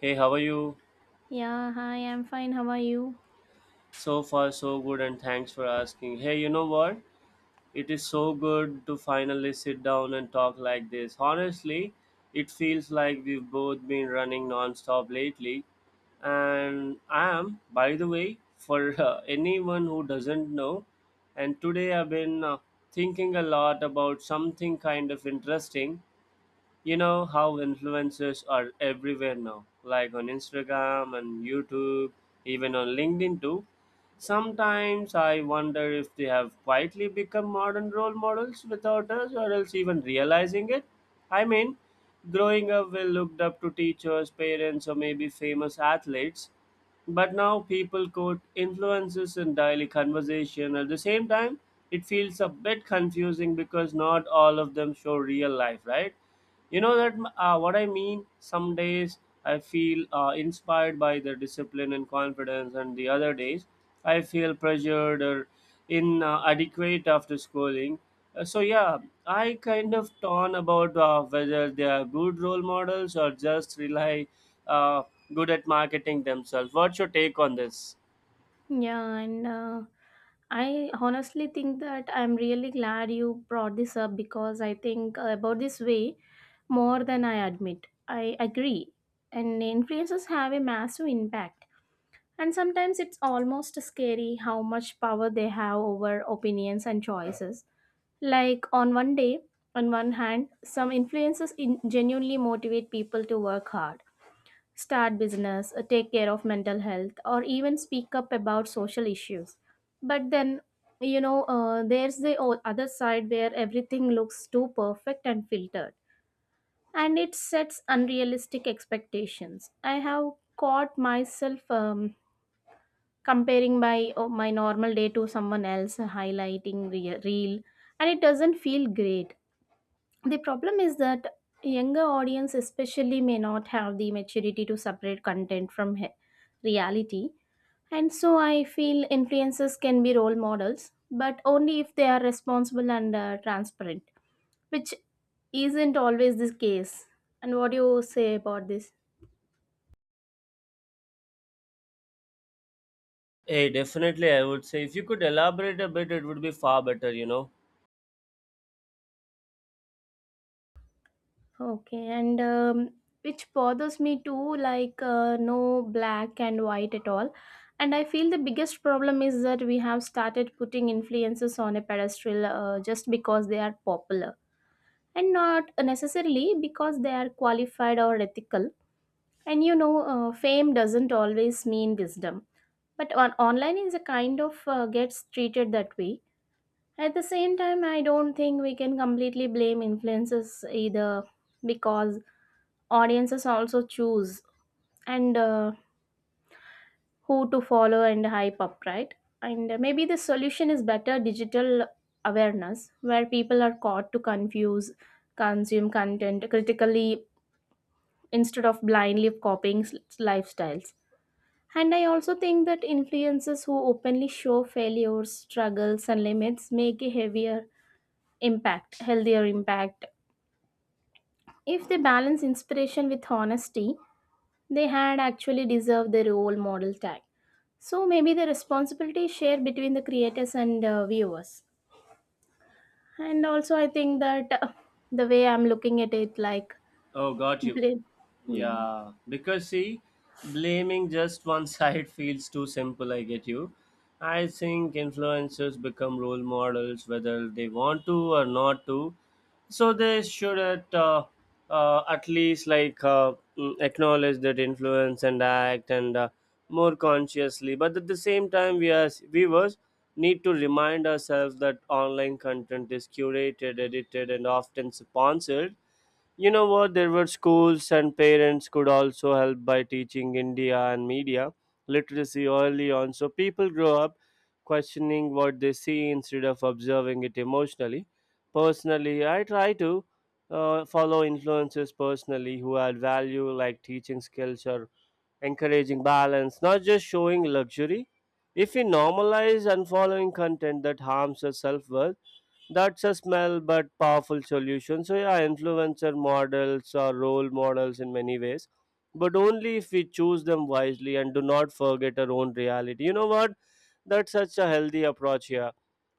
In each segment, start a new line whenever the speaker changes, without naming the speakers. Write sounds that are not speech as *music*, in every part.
Hey, how are you?
Yeah, hi, I'm fine. How are you?
So far, so good, and thanks for asking. Hey, you know what? It is so good to finally sit down and talk like this. Honestly, it feels like we've both been running non-stop lately. And I am, by the way, for *laughs* anyone who doesn't know, and today I've been thinking a lot about something kind of interesting. You know how influencers are everywhere now, like on Instagram and YouTube, even on LinkedIn too. Sometimes I wonder if they have quietly become modern role models without us or else even realizing it. I mean, growing up, we looked up to teachers, parents, or maybe famous athletes. But now people quote influences in daily conversation. At the same time, it feels a bit confusing because not all of them show real life, right? You know that what I mean? Some days I feel inspired by the discipline and confidence, and the other days I feel pressured or inadequate after schooling. Yeah, I kind of torn about whether they are good role models or just rely uh, good at marketing themselves. What's your take on this?
Yeah, and I honestly think that I'm really glad you brought this up because I think about this way more than I admit. I agree. And influencers have a massive impact. And sometimes it's almost scary how much power they have over opinions and choices. Like on one day, on one hand, some influencers genuinely motivate people to work hard, start business, take care of mental health, or even speak up about social issues. But then, there's the other side where everything looks too perfect and filtered, and it sets unrealistic expectations. I have caught myself comparing my normal day to someone else highlighting reel, and it doesn't feel great. The problem is that younger audience especially may not have the maturity to separate content from reality. And so I feel influencers can be role models, but only if they are responsible and transparent, which isn't always the case. And what do you say about this?
Hey, definitely, I would say if you could elaborate a bit, it would be far better,
Okay, and which bothers me too, like no black and white at all. And I feel the biggest problem is that we have started putting influences on a pedestal just because they are popular and not necessarily because they are qualified or ethical. And you know, fame doesn't always mean wisdom, but online is a kind of gets treated that way. At the same time, I don't think we can completely blame influences either, because audiences also choose and who to follow and hype up, right? And maybe the solution is better digital awareness, where people are caught to confuse consume content critically instead of blindly copying lifestyles. And I also think that influencers who openly show failures, struggles and limits make a heavier impact, healthier impact, if they balance inspiration with honesty. They had actually deserved the role model tag. So maybe the responsibility is shared between the creators and viewers. And also, I think that the way I'm looking at it, like,
Oh, got you.
bl- yeah.
Yeah, because see, blaming just one side *laughs* feels too simple. I get you. I think influencers become role models whether they want to or not to. So they should at least acknowledge that influence and act and more consciously. But at the same time, we as viewers need to remind ourselves that online content is curated, edited, and often sponsored. You know what? There were schools and parents could also help by teaching India and media literacy early on. So people grow up questioning what they see instead of observing it emotionally. Personally, I try to follow influences personally who add value, like teaching skills or encouraging balance, not just showing luxury. If we normalize unfollowing content that harms our self worth, that's a small but powerful solution. So, yeah, influencer models are role models in many ways, but only if we choose them wisely and do not forget our own reality. You know what? That's such a healthy approach here.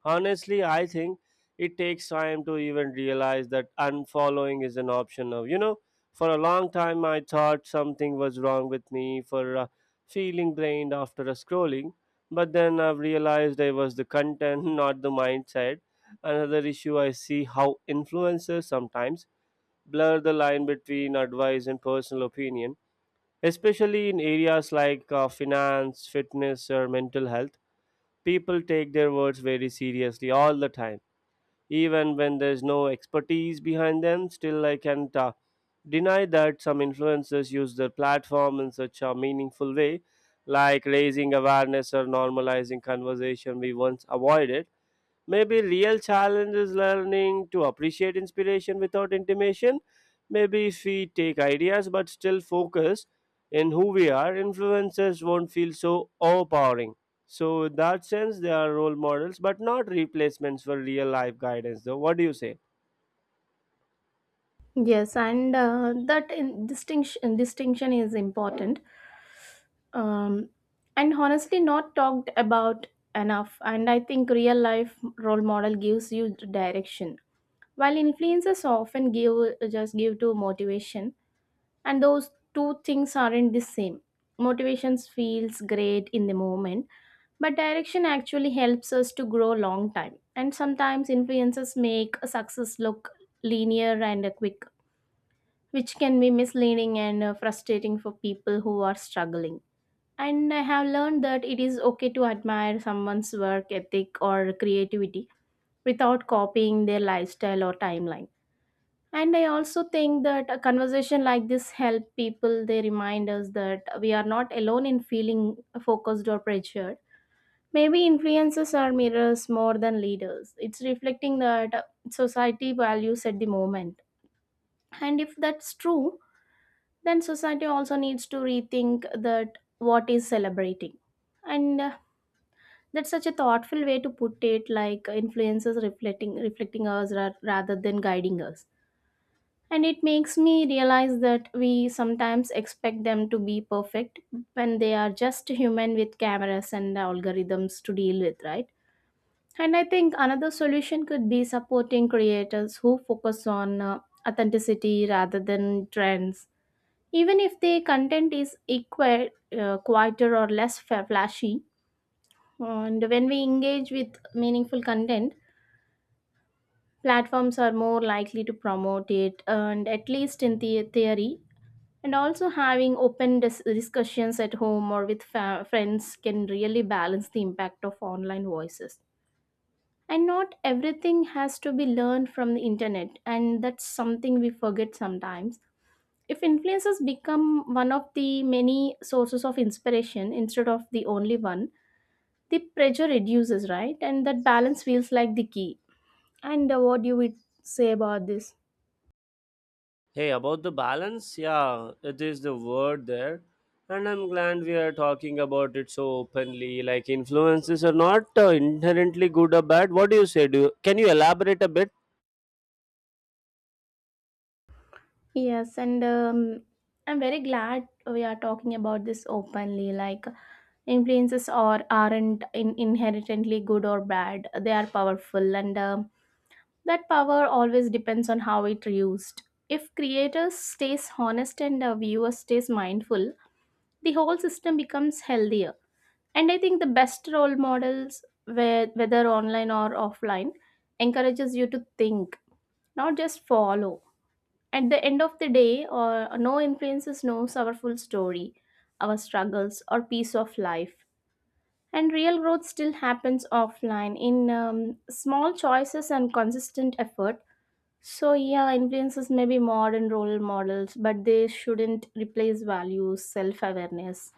Honestly, I think it takes time to even realize that unfollowing is an option now. You know, for a long time, I thought something was wrong with me for feeling drained after a scrolling, but then I've realized it was the content, *laughs* not the mindset. Another issue I see how influencers sometimes blur the line between advice and personal opinion, especially in areas like finance, fitness, or mental health. People take their words very seriously all the time even when there's no expertise behind them. Still, I can't deny that some influencers use their platform in such a meaningful way, like raising awareness or normalizing conversation we once avoided. Maybe real challenge is learning to appreciate inspiration without intimation. Maybe if we take ideas but still focus in who we are, influencers won't feel so overpowering. So, in that sense, they are role models but not replacements for real life guidance, though. What do you say?
Yes, and that in distinction is important, um, and honestly, not talked about enough. And I think real life role model gives you direction, while influences often give just give to motivation. And those two things aren't the same. Motivations feels great in the moment, but direction actually helps us to grow long time. And sometimes influences make a success look linear and quick, which can be misleading and frustrating for people who are struggling. And I have learned that it is okay to admire someone's work ethic or creativity without copying their lifestyle or timeline. And I also think that a conversation like this help people. They remind us that we are not alone in feeling focused or pressured. Maybe influencers are mirrors more than leaders. It's reflecting that society values at the moment. And if that's true, then society also needs to rethink that what is celebrating. And that's such a thoughtful way to put it, like influences reflecting us rather than guiding us. And it makes me realize that we sometimes expect them to be perfect when they are just human with cameras and algorithms to deal with, right? And I think another solution could be supporting creators who focus on authenticity rather than trends. Even if the content is equal, quieter or less flashy, and when we engage with meaningful content, platforms are more likely to promote it, and at least in the theory. And also, having open discussions at home or with friends can really balance the impact of online voices. And not everything has to be learned from the internet, and that's something we forget sometimes. If influencers become one of the many sources of inspiration instead of the only one, the pressure reduces, right? And that balance feels like the key. And what do you would say about this?
Hey, about the balance, yeah, it is the word there. And I'm glad we are talking about it so openly. Like, influences are not inherently good or bad. What do you say? Can you elaborate a bit?
Yes, and I'm very glad we are talking about this openly. Like, influences aren't inherently good or bad. They are powerful, and that power always depends on how it used. If creators stays honest and viewers stays mindful, the whole system becomes healthier. And I think the best role models, whether online or offline, encourages you to think, not just follow. At the end of the day, or no influences knows our full story, our struggles, or piece of life. And real growth still happens offline in small choices and consistent effort. So, yeah, influences may be modern role models, but they shouldn't replace values, self awareness,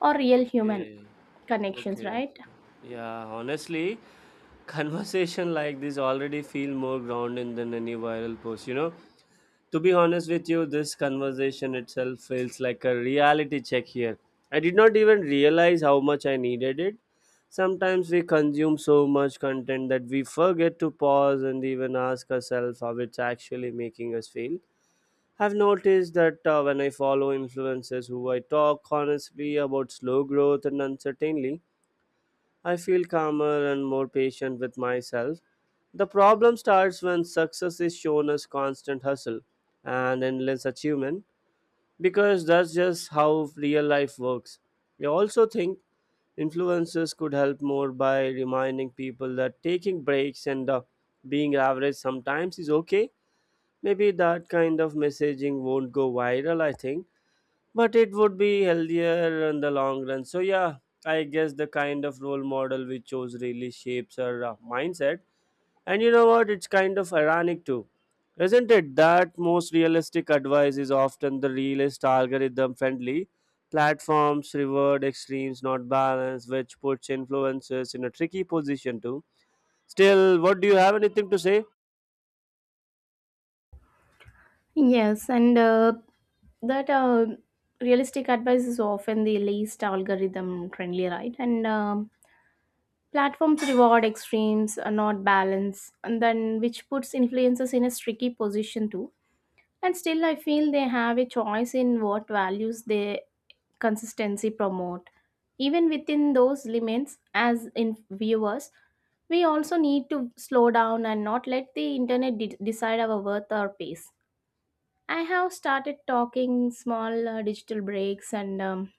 or real human
Okay.
connections,
Okay. Okay.
right?
Yeah, honestly, *laughs* conversation like this already feel more grounded than any viral post, you know? To be honest with you, this conversation itself feels like a reality check here. I did not even realize how much I needed it. Sometimes we consume so much content that we forget to pause and even ask ourselves how it's actually making us feel. I've noticed that when I follow influencers who I talk honestly about slow growth and uncertainty, I feel calmer and more patient with myself. The problem starts when success is shown as constant hustle and endless achievement, because that's just how real life works. I also think influencers could help more by reminding people that taking breaks and being average sometimes is okay. Maybe that kind of messaging won't go viral, I think, but it would be healthier in the long run. So, yeah, I guess the kind of role model we chose really shapes our mindset. And you know what? It's kind of ironic too, isn't it? That most realistic advice is often the realist algorithm friendly. Platforms reward extremes, not balance, which puts influencers in a tricky position too. Still, what do you have anything to say?
Yes, and that realistic advice is often the least algorithm friendly, right? And platforms reward extremes, not balance, and then which puts influencers in a tricky position too. And still, I feel they have a choice in what values they consistency promote. Even within those limits, as in viewers, we also need to slow down and not let the internet decide our worth or pace. I have started talking small digital breaks, and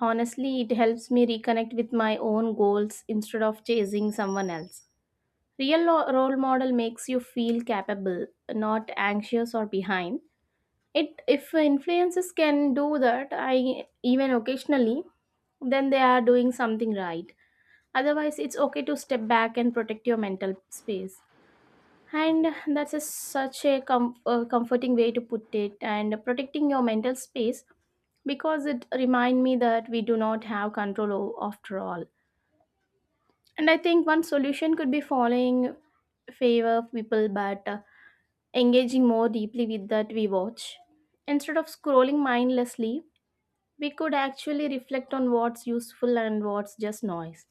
honestly, it helps me reconnect with my own goals instead of chasing someone else. Real role model makes you feel capable, not anxious or behind. It if influences can do that, I even occasionally, then they are doing something right. Otherwise, it's okay to step back and protect your mental space. And that's such a comforting way to put it. And protecting your mental space, because it remind me that we do not have control after all. And I think one solution could be following favor people, but engaging more deeply with that we watch. Instead of scrolling mindlessly, we could actually reflect on what's useful and what's just noise.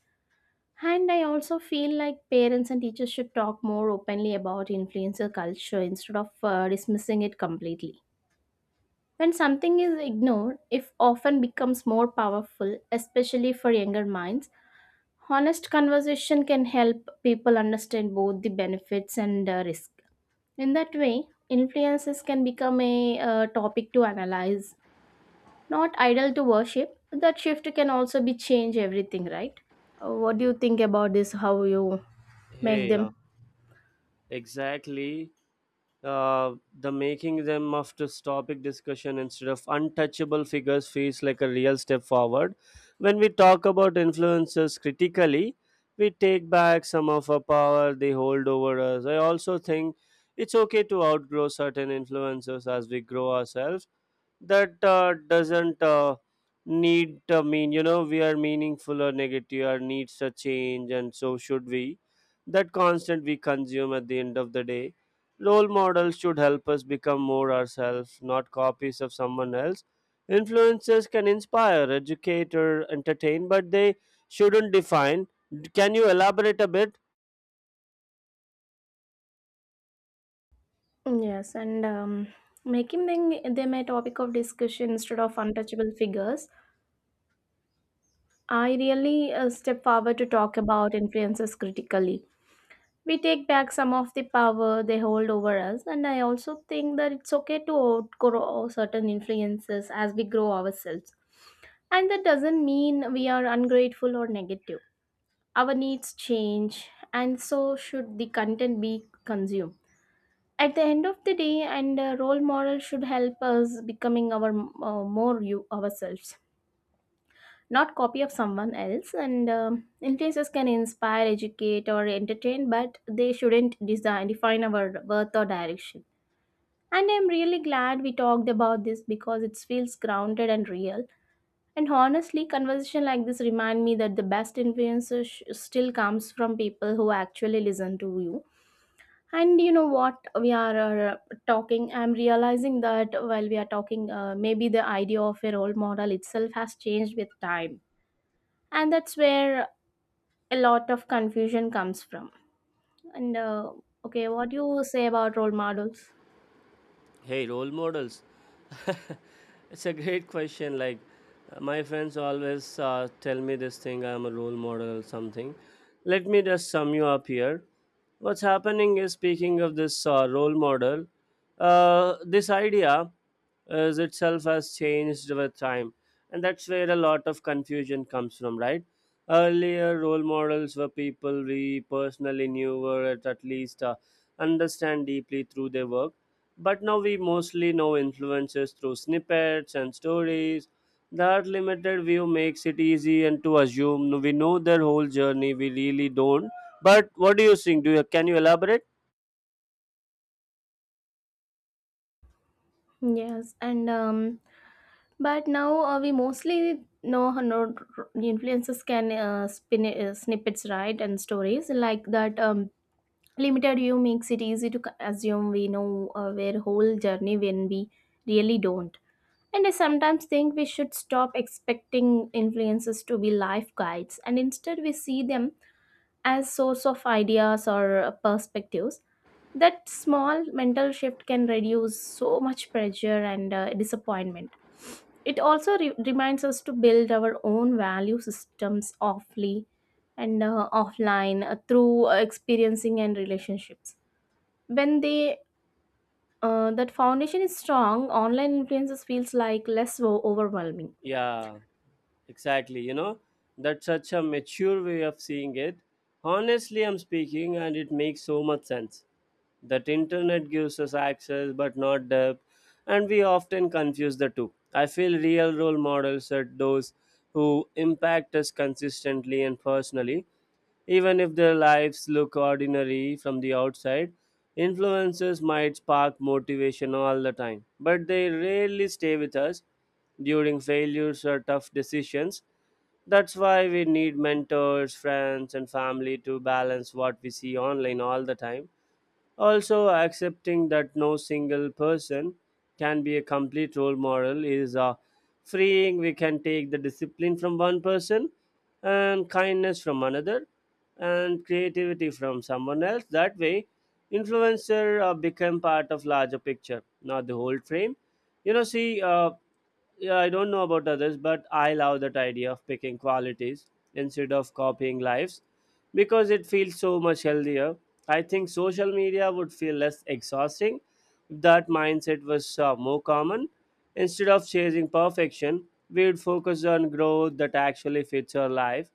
And I also feel like parents and teachers should talk more openly about influencer culture instead of dismissing it completely. When something is ignored, it often becomes more powerful, especially for younger minds. Honest conversation can help people understand both the benefits and risk. In that way, influences can become a topic to analyze, not idol to worship. That shift can also be change everything, right? What do you think about this? How you make
Hey, yeah,
them?
exactly. The making them of this topic discussion instead of untouchable figures feels like a real step forward. When we talk about influencers critically, we take back some of our power they hold over us. I also think it's okay to outgrow certain influencers as we grow ourselves, that doesn't need mean, you know, we are meaningful or negative, or needs a change, and so should we that constant we consume. At the end of the day, role models should help us become more ourselves, not copies of someone else. Influencers can inspire, educate, or entertain, but they shouldn't define. Can you elaborate a bit?
Yes, and making them a topic of discussion instead of untouchable figures. I really step forward to talk about influences critically. We take back some of the power they hold over us. And I also think that it's okay to outgrow certain influences as we grow ourselves. And that doesn't mean we are ungrateful or negative. Our needs change, and so should the content be consumed. At the end of the day, and a role model should help us becoming our more you ourselves, not copy of someone else. And influencers can inspire, educate or entertain, but they shouldn't design define our worth or direction. And I'm really glad we talked about this, because it feels grounded and real. And honestly, conversation like this remind me that the best influencer still comes from people who actually listen to you. And you know what, we are talking, I'm realizing that while we are talking, maybe the idea of a role model itself has changed with time. And that's where a lot of confusion comes from. And okay, what do you say about role models?
Hey, role models. *laughs* It's a great question. Like, my friends always tell me this thing, I'm a role model or something. Let me just sum you up here. What's happening is, speaking of this role model, this idea is itself has changed with time. And that's where a lot of confusion comes from, right? Earlier, role models were people we personally knew, were at least understand deeply through their work, but now we mostly know influences through snippets and stories. That limited view makes it easy and to assume no, we know their whole journey. We really don't. But what do you think? Do you Can you elaborate?
Yes, and but now we mostly know how no the influencers can spin snippets, right, and stories like that. Limited view makes it easy to assume we know their whole journey when we really don't. And I sometimes think we should stop expecting influencers to be life guides, and instead we see them as source of ideas or perspectives. That small mental shift can reduce so much pressure and disappointment. It also reminds us to build our own value systems offly and offline through experiencing and relationships. When they that foundation is strong, online influences feels like less overwhelming.
Yeah. Exactly, you know, that's such a mature way of seeing it. Honestly, I'm speaking, and it makes so much sense. That internet gives us access but not depth, and we often confuse the two. I feel real role models are those who impact us consistently and personally, even if their lives look ordinary from the outside. Influences might spark motivation all the time, but they rarely stay with us during failures or tough decisions. That's why we need mentors, friends, and family to balance what we see online all the time. Also, accepting that no single person can be a complete role model is freeing. We can take the discipline from one person, and kindness from another, and creativity from someone else. That way, influencer become part of larger picture, not the whole frame. You know, see, yeah, I don't know about others, but I love that idea of picking qualities instead of copying lives because it feels so much healthier. I think social media would feel less exhausting if that mindset was more common. Instead of chasing perfection, we'd focus on growth that actually fits our life.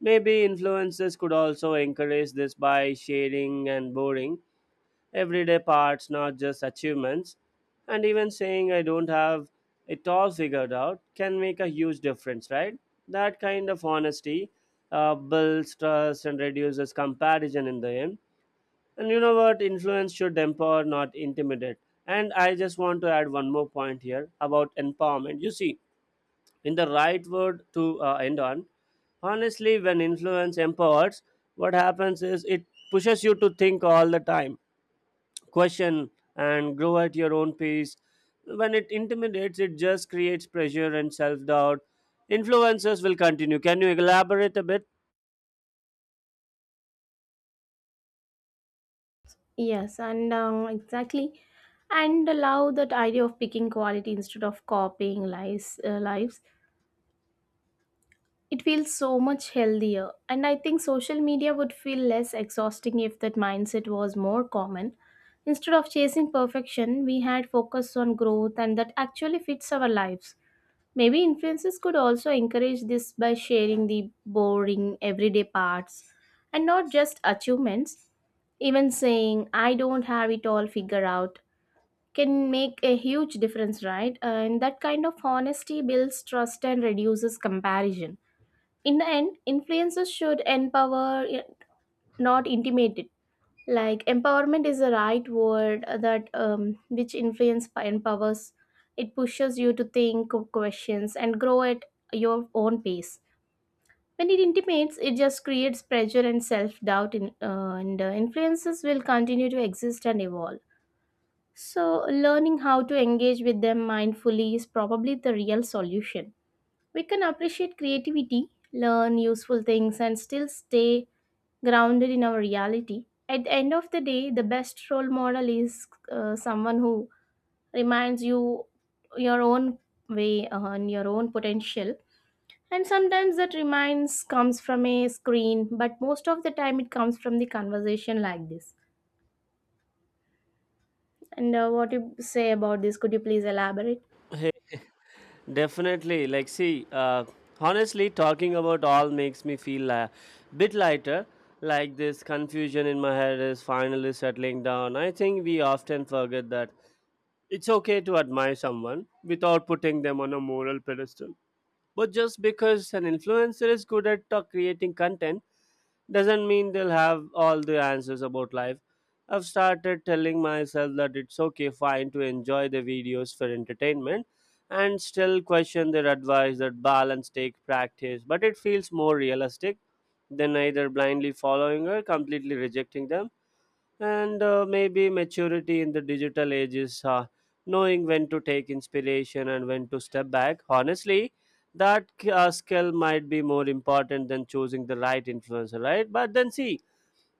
Maybe influencers could also encourage this by sharing and boring everyday parts, not just achievements. And even saying I don't have it all figured out can make a huge difference, right? That kind of honesty builds trust and reduces comparison in the end. And you know what? Influence should empower, not intimidate. And I just want to add one more point here about empowerment. You see, in the right word to end on, honestly, when influence empowers, what happens is it pushes you to think all the time, question, and grow at your own pace. When it intimidates, it just creates pressure and self doubt. Influencers will continue. Can you elaborate a bit?
Yes, and exactly. And allow that idea of picking quality instead of copying lives. It feels so much healthier, and I think social media would feel less exhausting if that mindset was more common. Instead of chasing perfection, we had focus on growth, and that actually fits our lives. Maybe influencers could also encourage this by sharing the boring, everyday parts and not just achievements. Even saying, I don't have it all figured out, can make a huge difference, right? And that kind of honesty builds trust and reduces comparison. In the end, influencers should empower, not intimidate. It. Like empowerment is the right word that which influence empowers. It pushes you to think of questions and grow at your own pace. When it intimates, it just creates pressure and self doubt. In and Influences will continue to exist and evolve. So, learning how to engage with them mindfully is probably the real solution. We can appreciate creativity, learn useful things, and still stay grounded in our reality. At the end of the day, the best role model is someone who reminds you your own way and your own potential. And sometimes that reminds comes from a screen, but most of the time it comes from the conversation like this. And what you say about this? Could you please elaborate?
Hey. Definitely. Like, see, honestly, talking about all makes me feel a bit lighter. Like, this confusion in my head is finally settling down. I think we often forget that it's okay to admire someone without putting them on a moral pedestal. But just because an influencer is good at creating content doesn't mean they'll have all the answers about life. I've started telling myself that it's okay, fine to enjoy the videos for entertainment and still question their advice. That balance take practice, but it feels more realistic than either blindly following or completely rejecting them. And Maybe maturity in the digital age is knowing when to take inspiration and when to step back. Honestly, that skill might be more important than choosing the right influencer, right? But then see,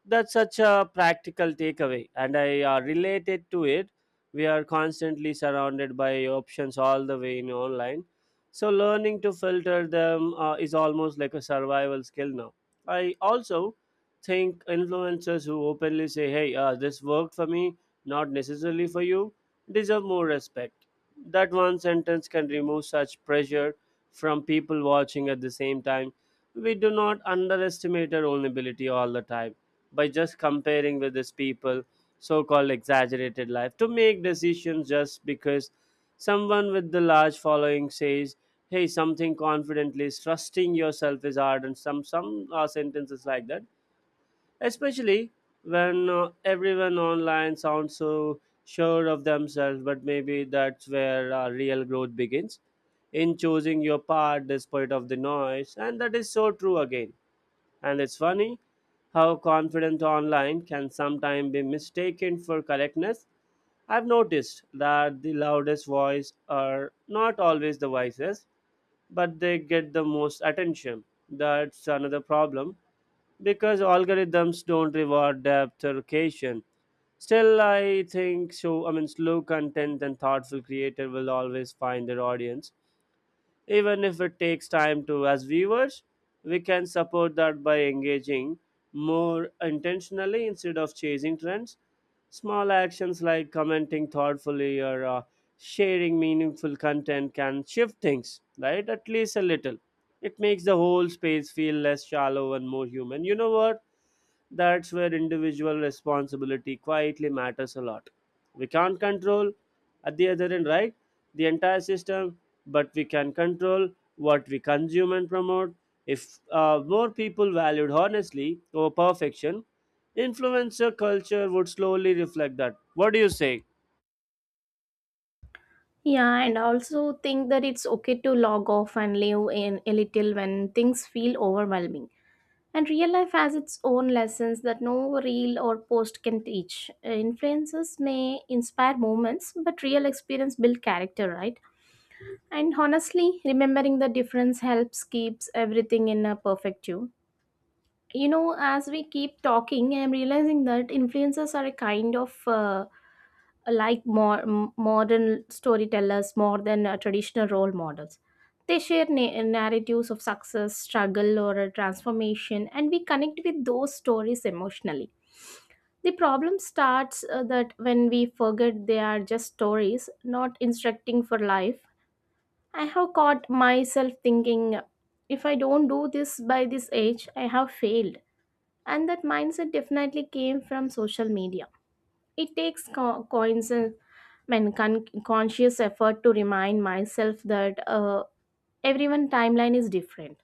that's such a practical takeaway, and I related to it. We are constantly surrounded by options all the way in online, so learning to filter them is almost like a survival skill now. I also think influencers who openly say, hey, this worked for me, not necessarily for you, deserve more respect. That one sentence can remove such pressure from people watching. At the same time, we do not underestimate our own ability all the time by just comparing with these people so-called exaggerated life to make decisions just because someone with the large following says hey something confidently. Is trusting yourself is hard? And some sentences like that, especially when everyone online sounds so sure of themselves. But maybe that's where real growth begins, in choosing your path despite of the noise. And that is so true again. And it's funny how confident online can sometimes be mistaken for correctness. I've noticed that the loudest voice are not always the wisest, but they get the most attention. That's another problem because algorithms don't reward depth or occasion. Still, I think so. I mean, slow content and thoughtful creator will always find their audience, even if it takes time. To as viewers, we can support that by engaging more intentionally instead of chasing trends. Small actions like commenting thoughtfully or sharing meaningful content can shift things, right? At least a little. It makes the whole space feel less shallow and more human. You know what, that's where individual responsibility quietly matters a lot. We can't control at the other end, right, the entire system, but we can control what we consume and promote. If more people valued honestly over perfection, influencer culture would slowly reflect that. What do you say?
Yeah, and I also think that it's okay to log off and live in a little when things feel overwhelming. And real life has its own lessons that no reel or post can teach. Influences may inspire moments, but real experience build character, right? And honestly, remembering the difference helps keeps everything in a perfect tune. You know, as we keep talking, I'm realizing that influencers are a kind of like more modern storytellers more than traditional role models. They share narratives of success, struggle, or a transformation, and we connect with those stories emotionally. The problem starts that when we forget they are just stories, not instructing for life. I have caught myself thinking, if I don't do this by this age, I have failed. And that mindset definitely came from social media. It takes co- coins, I mean, con- conscious effort to remind myself that everyone timeline is different.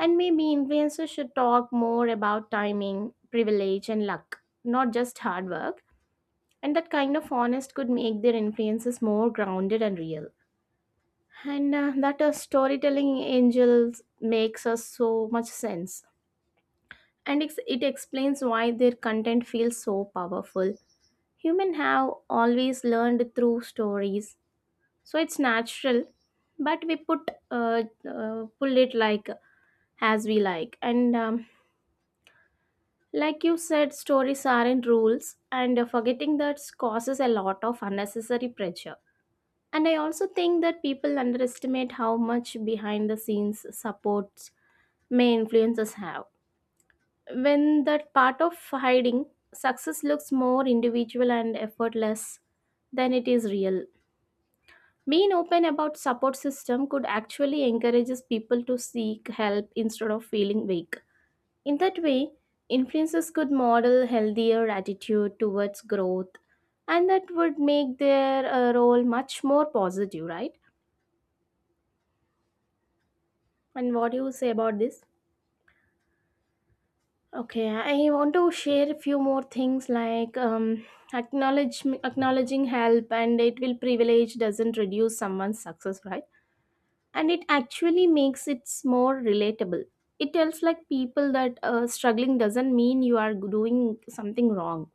And maybe influencers should talk more about timing, privilege, and luck, not just hard work. And that kind of honest could make their influences more grounded and real. And that storytelling angels makes us so much sense. It explains why their content feels so powerful. Humans have always learned through stories, so it's natural, but we put pull it like as we like, and like you said, stories aren't rules, and forgetting that causes a lot of unnecessary pressure. And I also think that people underestimate how much behind the scenes supports may influencers have, when that part of hiding success looks more individual and effortless than it is real. Being open about support system could actually encourages people to seek help instead of feeling weak. In that way, influencers could model healthier attitude towards growth, and that would make their role much more positive, right? And what do you say about this? Okay, I want to share a few more things like acknowledging help and it will privilege doesn't reduce someone's success, right? And it actually makes it more relatable. It tells like people that struggling doesn't mean you are doing something wrong.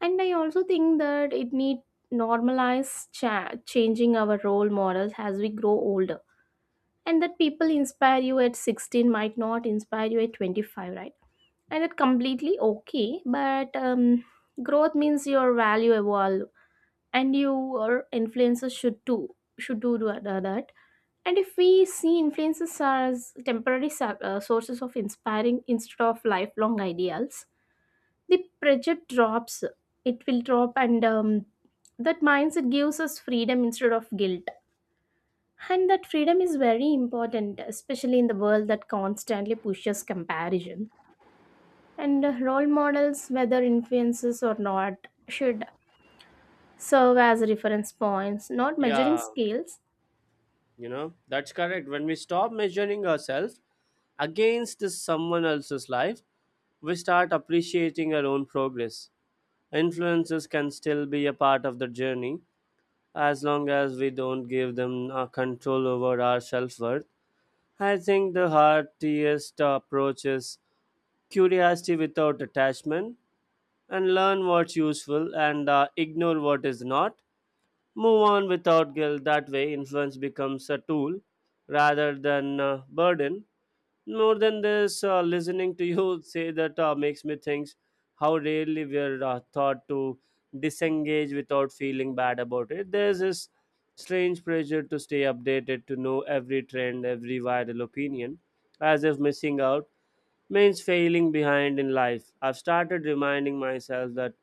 And I also think that it need normalize changing our role models as we grow older. And that people inspire you at 16 might not inspire you at 25, right? And that completely okay, but growth means your value evolve, and your influences should too should do that. And if we see influences as temporary sources of inspiring instead of lifelong ideals, the pressure drops. It will drop, and that mindset gives us freedom instead of guilt. And that freedom is very important, especially in the world that constantly pushes comparison. And role models, whether influences or not, should serve as reference points, not measuring
Yeah,
scales.
you know, that's correct. When we stop measuring ourselves against this someone else's life, we start appreciating our own progress. Influences can still be a part of the journey as long as we don't give them control over our self worth. I think the heartiest approach is curiosity without attachment, and learn what's useful and ignore what is not. Move on without guilt. That way, influence becomes a tool rather than a burden. More than this, listening to you *laughs* say that makes me think how rarely we're taught to disengage without feeling bad about it. There's this strange pressure to stay updated, to know every trend, every viral opinion, as if missing out means failing behind in life. I've started reminding myself that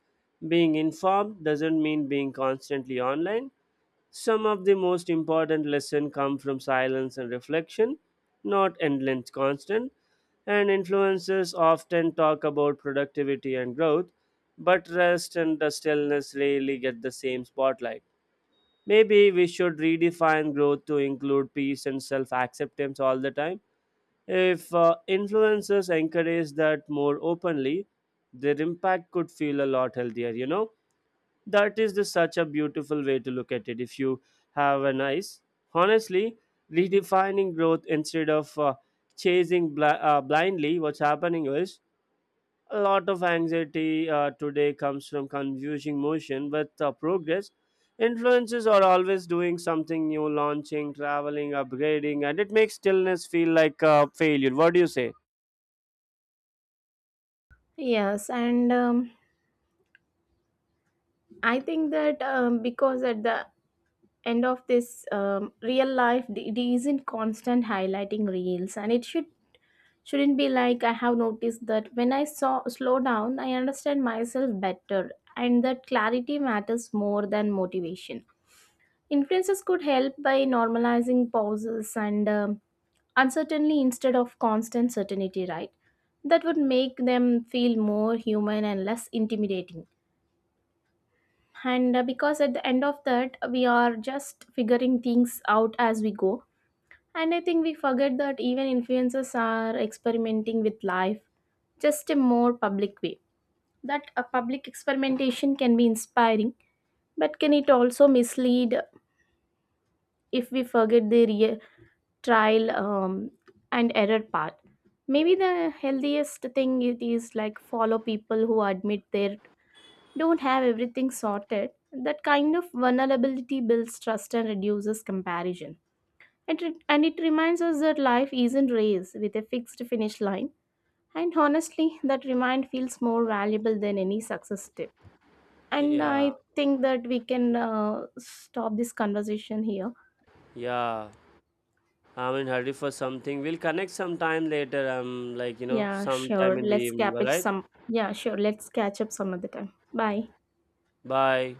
being informed doesn't mean being constantly online. Some of the most important lessons come from silence and reflection, not endless constant. And influencers often talk about productivity and growth, but rest and the stillness rarely get the same spotlight. Maybe we should redefine growth to include peace and self acceptance all the time. If influencers encourage that more openly, their impact could feel a lot healthier, you know? That is the such a beautiful way to look at it. If you have a nice, honestly, redefining growth instead of chasing blindly what's happening is, a lot of anxiety today comes from confusing motion with progress. Influences are always doing something new, launching, traveling, upgrading, and it makes stillness feel like a failure. What do you say?
Yes, and I think that because at the end of this real life it isn't constant highlighting reels, and it should shouldn't be like. I have noticed that when I saw slow down, I understand myself better, and that clarity matters more than motivation. Influencers could help by normalizing pauses and uncertainty instead of constant certainty, right? That would make them feel more human and less intimidating. And because at the end of that, we are just figuring things out as we go. And I think we forget that even influencers are experimenting with life, just a more public way. That a public experimentation can be inspiring, but can it also mislead if we forget the real trial and error part? Maybe the healthiest thing it is like follow people who admit they don't have everything sorted. That kind of vulnerability builds trust and reduces comparison. And it reminds us that life isn't a race with a fixed finish line. And honestly, that remind feels more valuable than any success tip. And
Yeah.
I think that we can stop this conversation here.
Yeah, I'm in hurry for something. We'll connect sometime later. I'm like, you know, sometime in the evening. All right.
Yeah, sure. Let's catch up some other time. Bye.
Bye.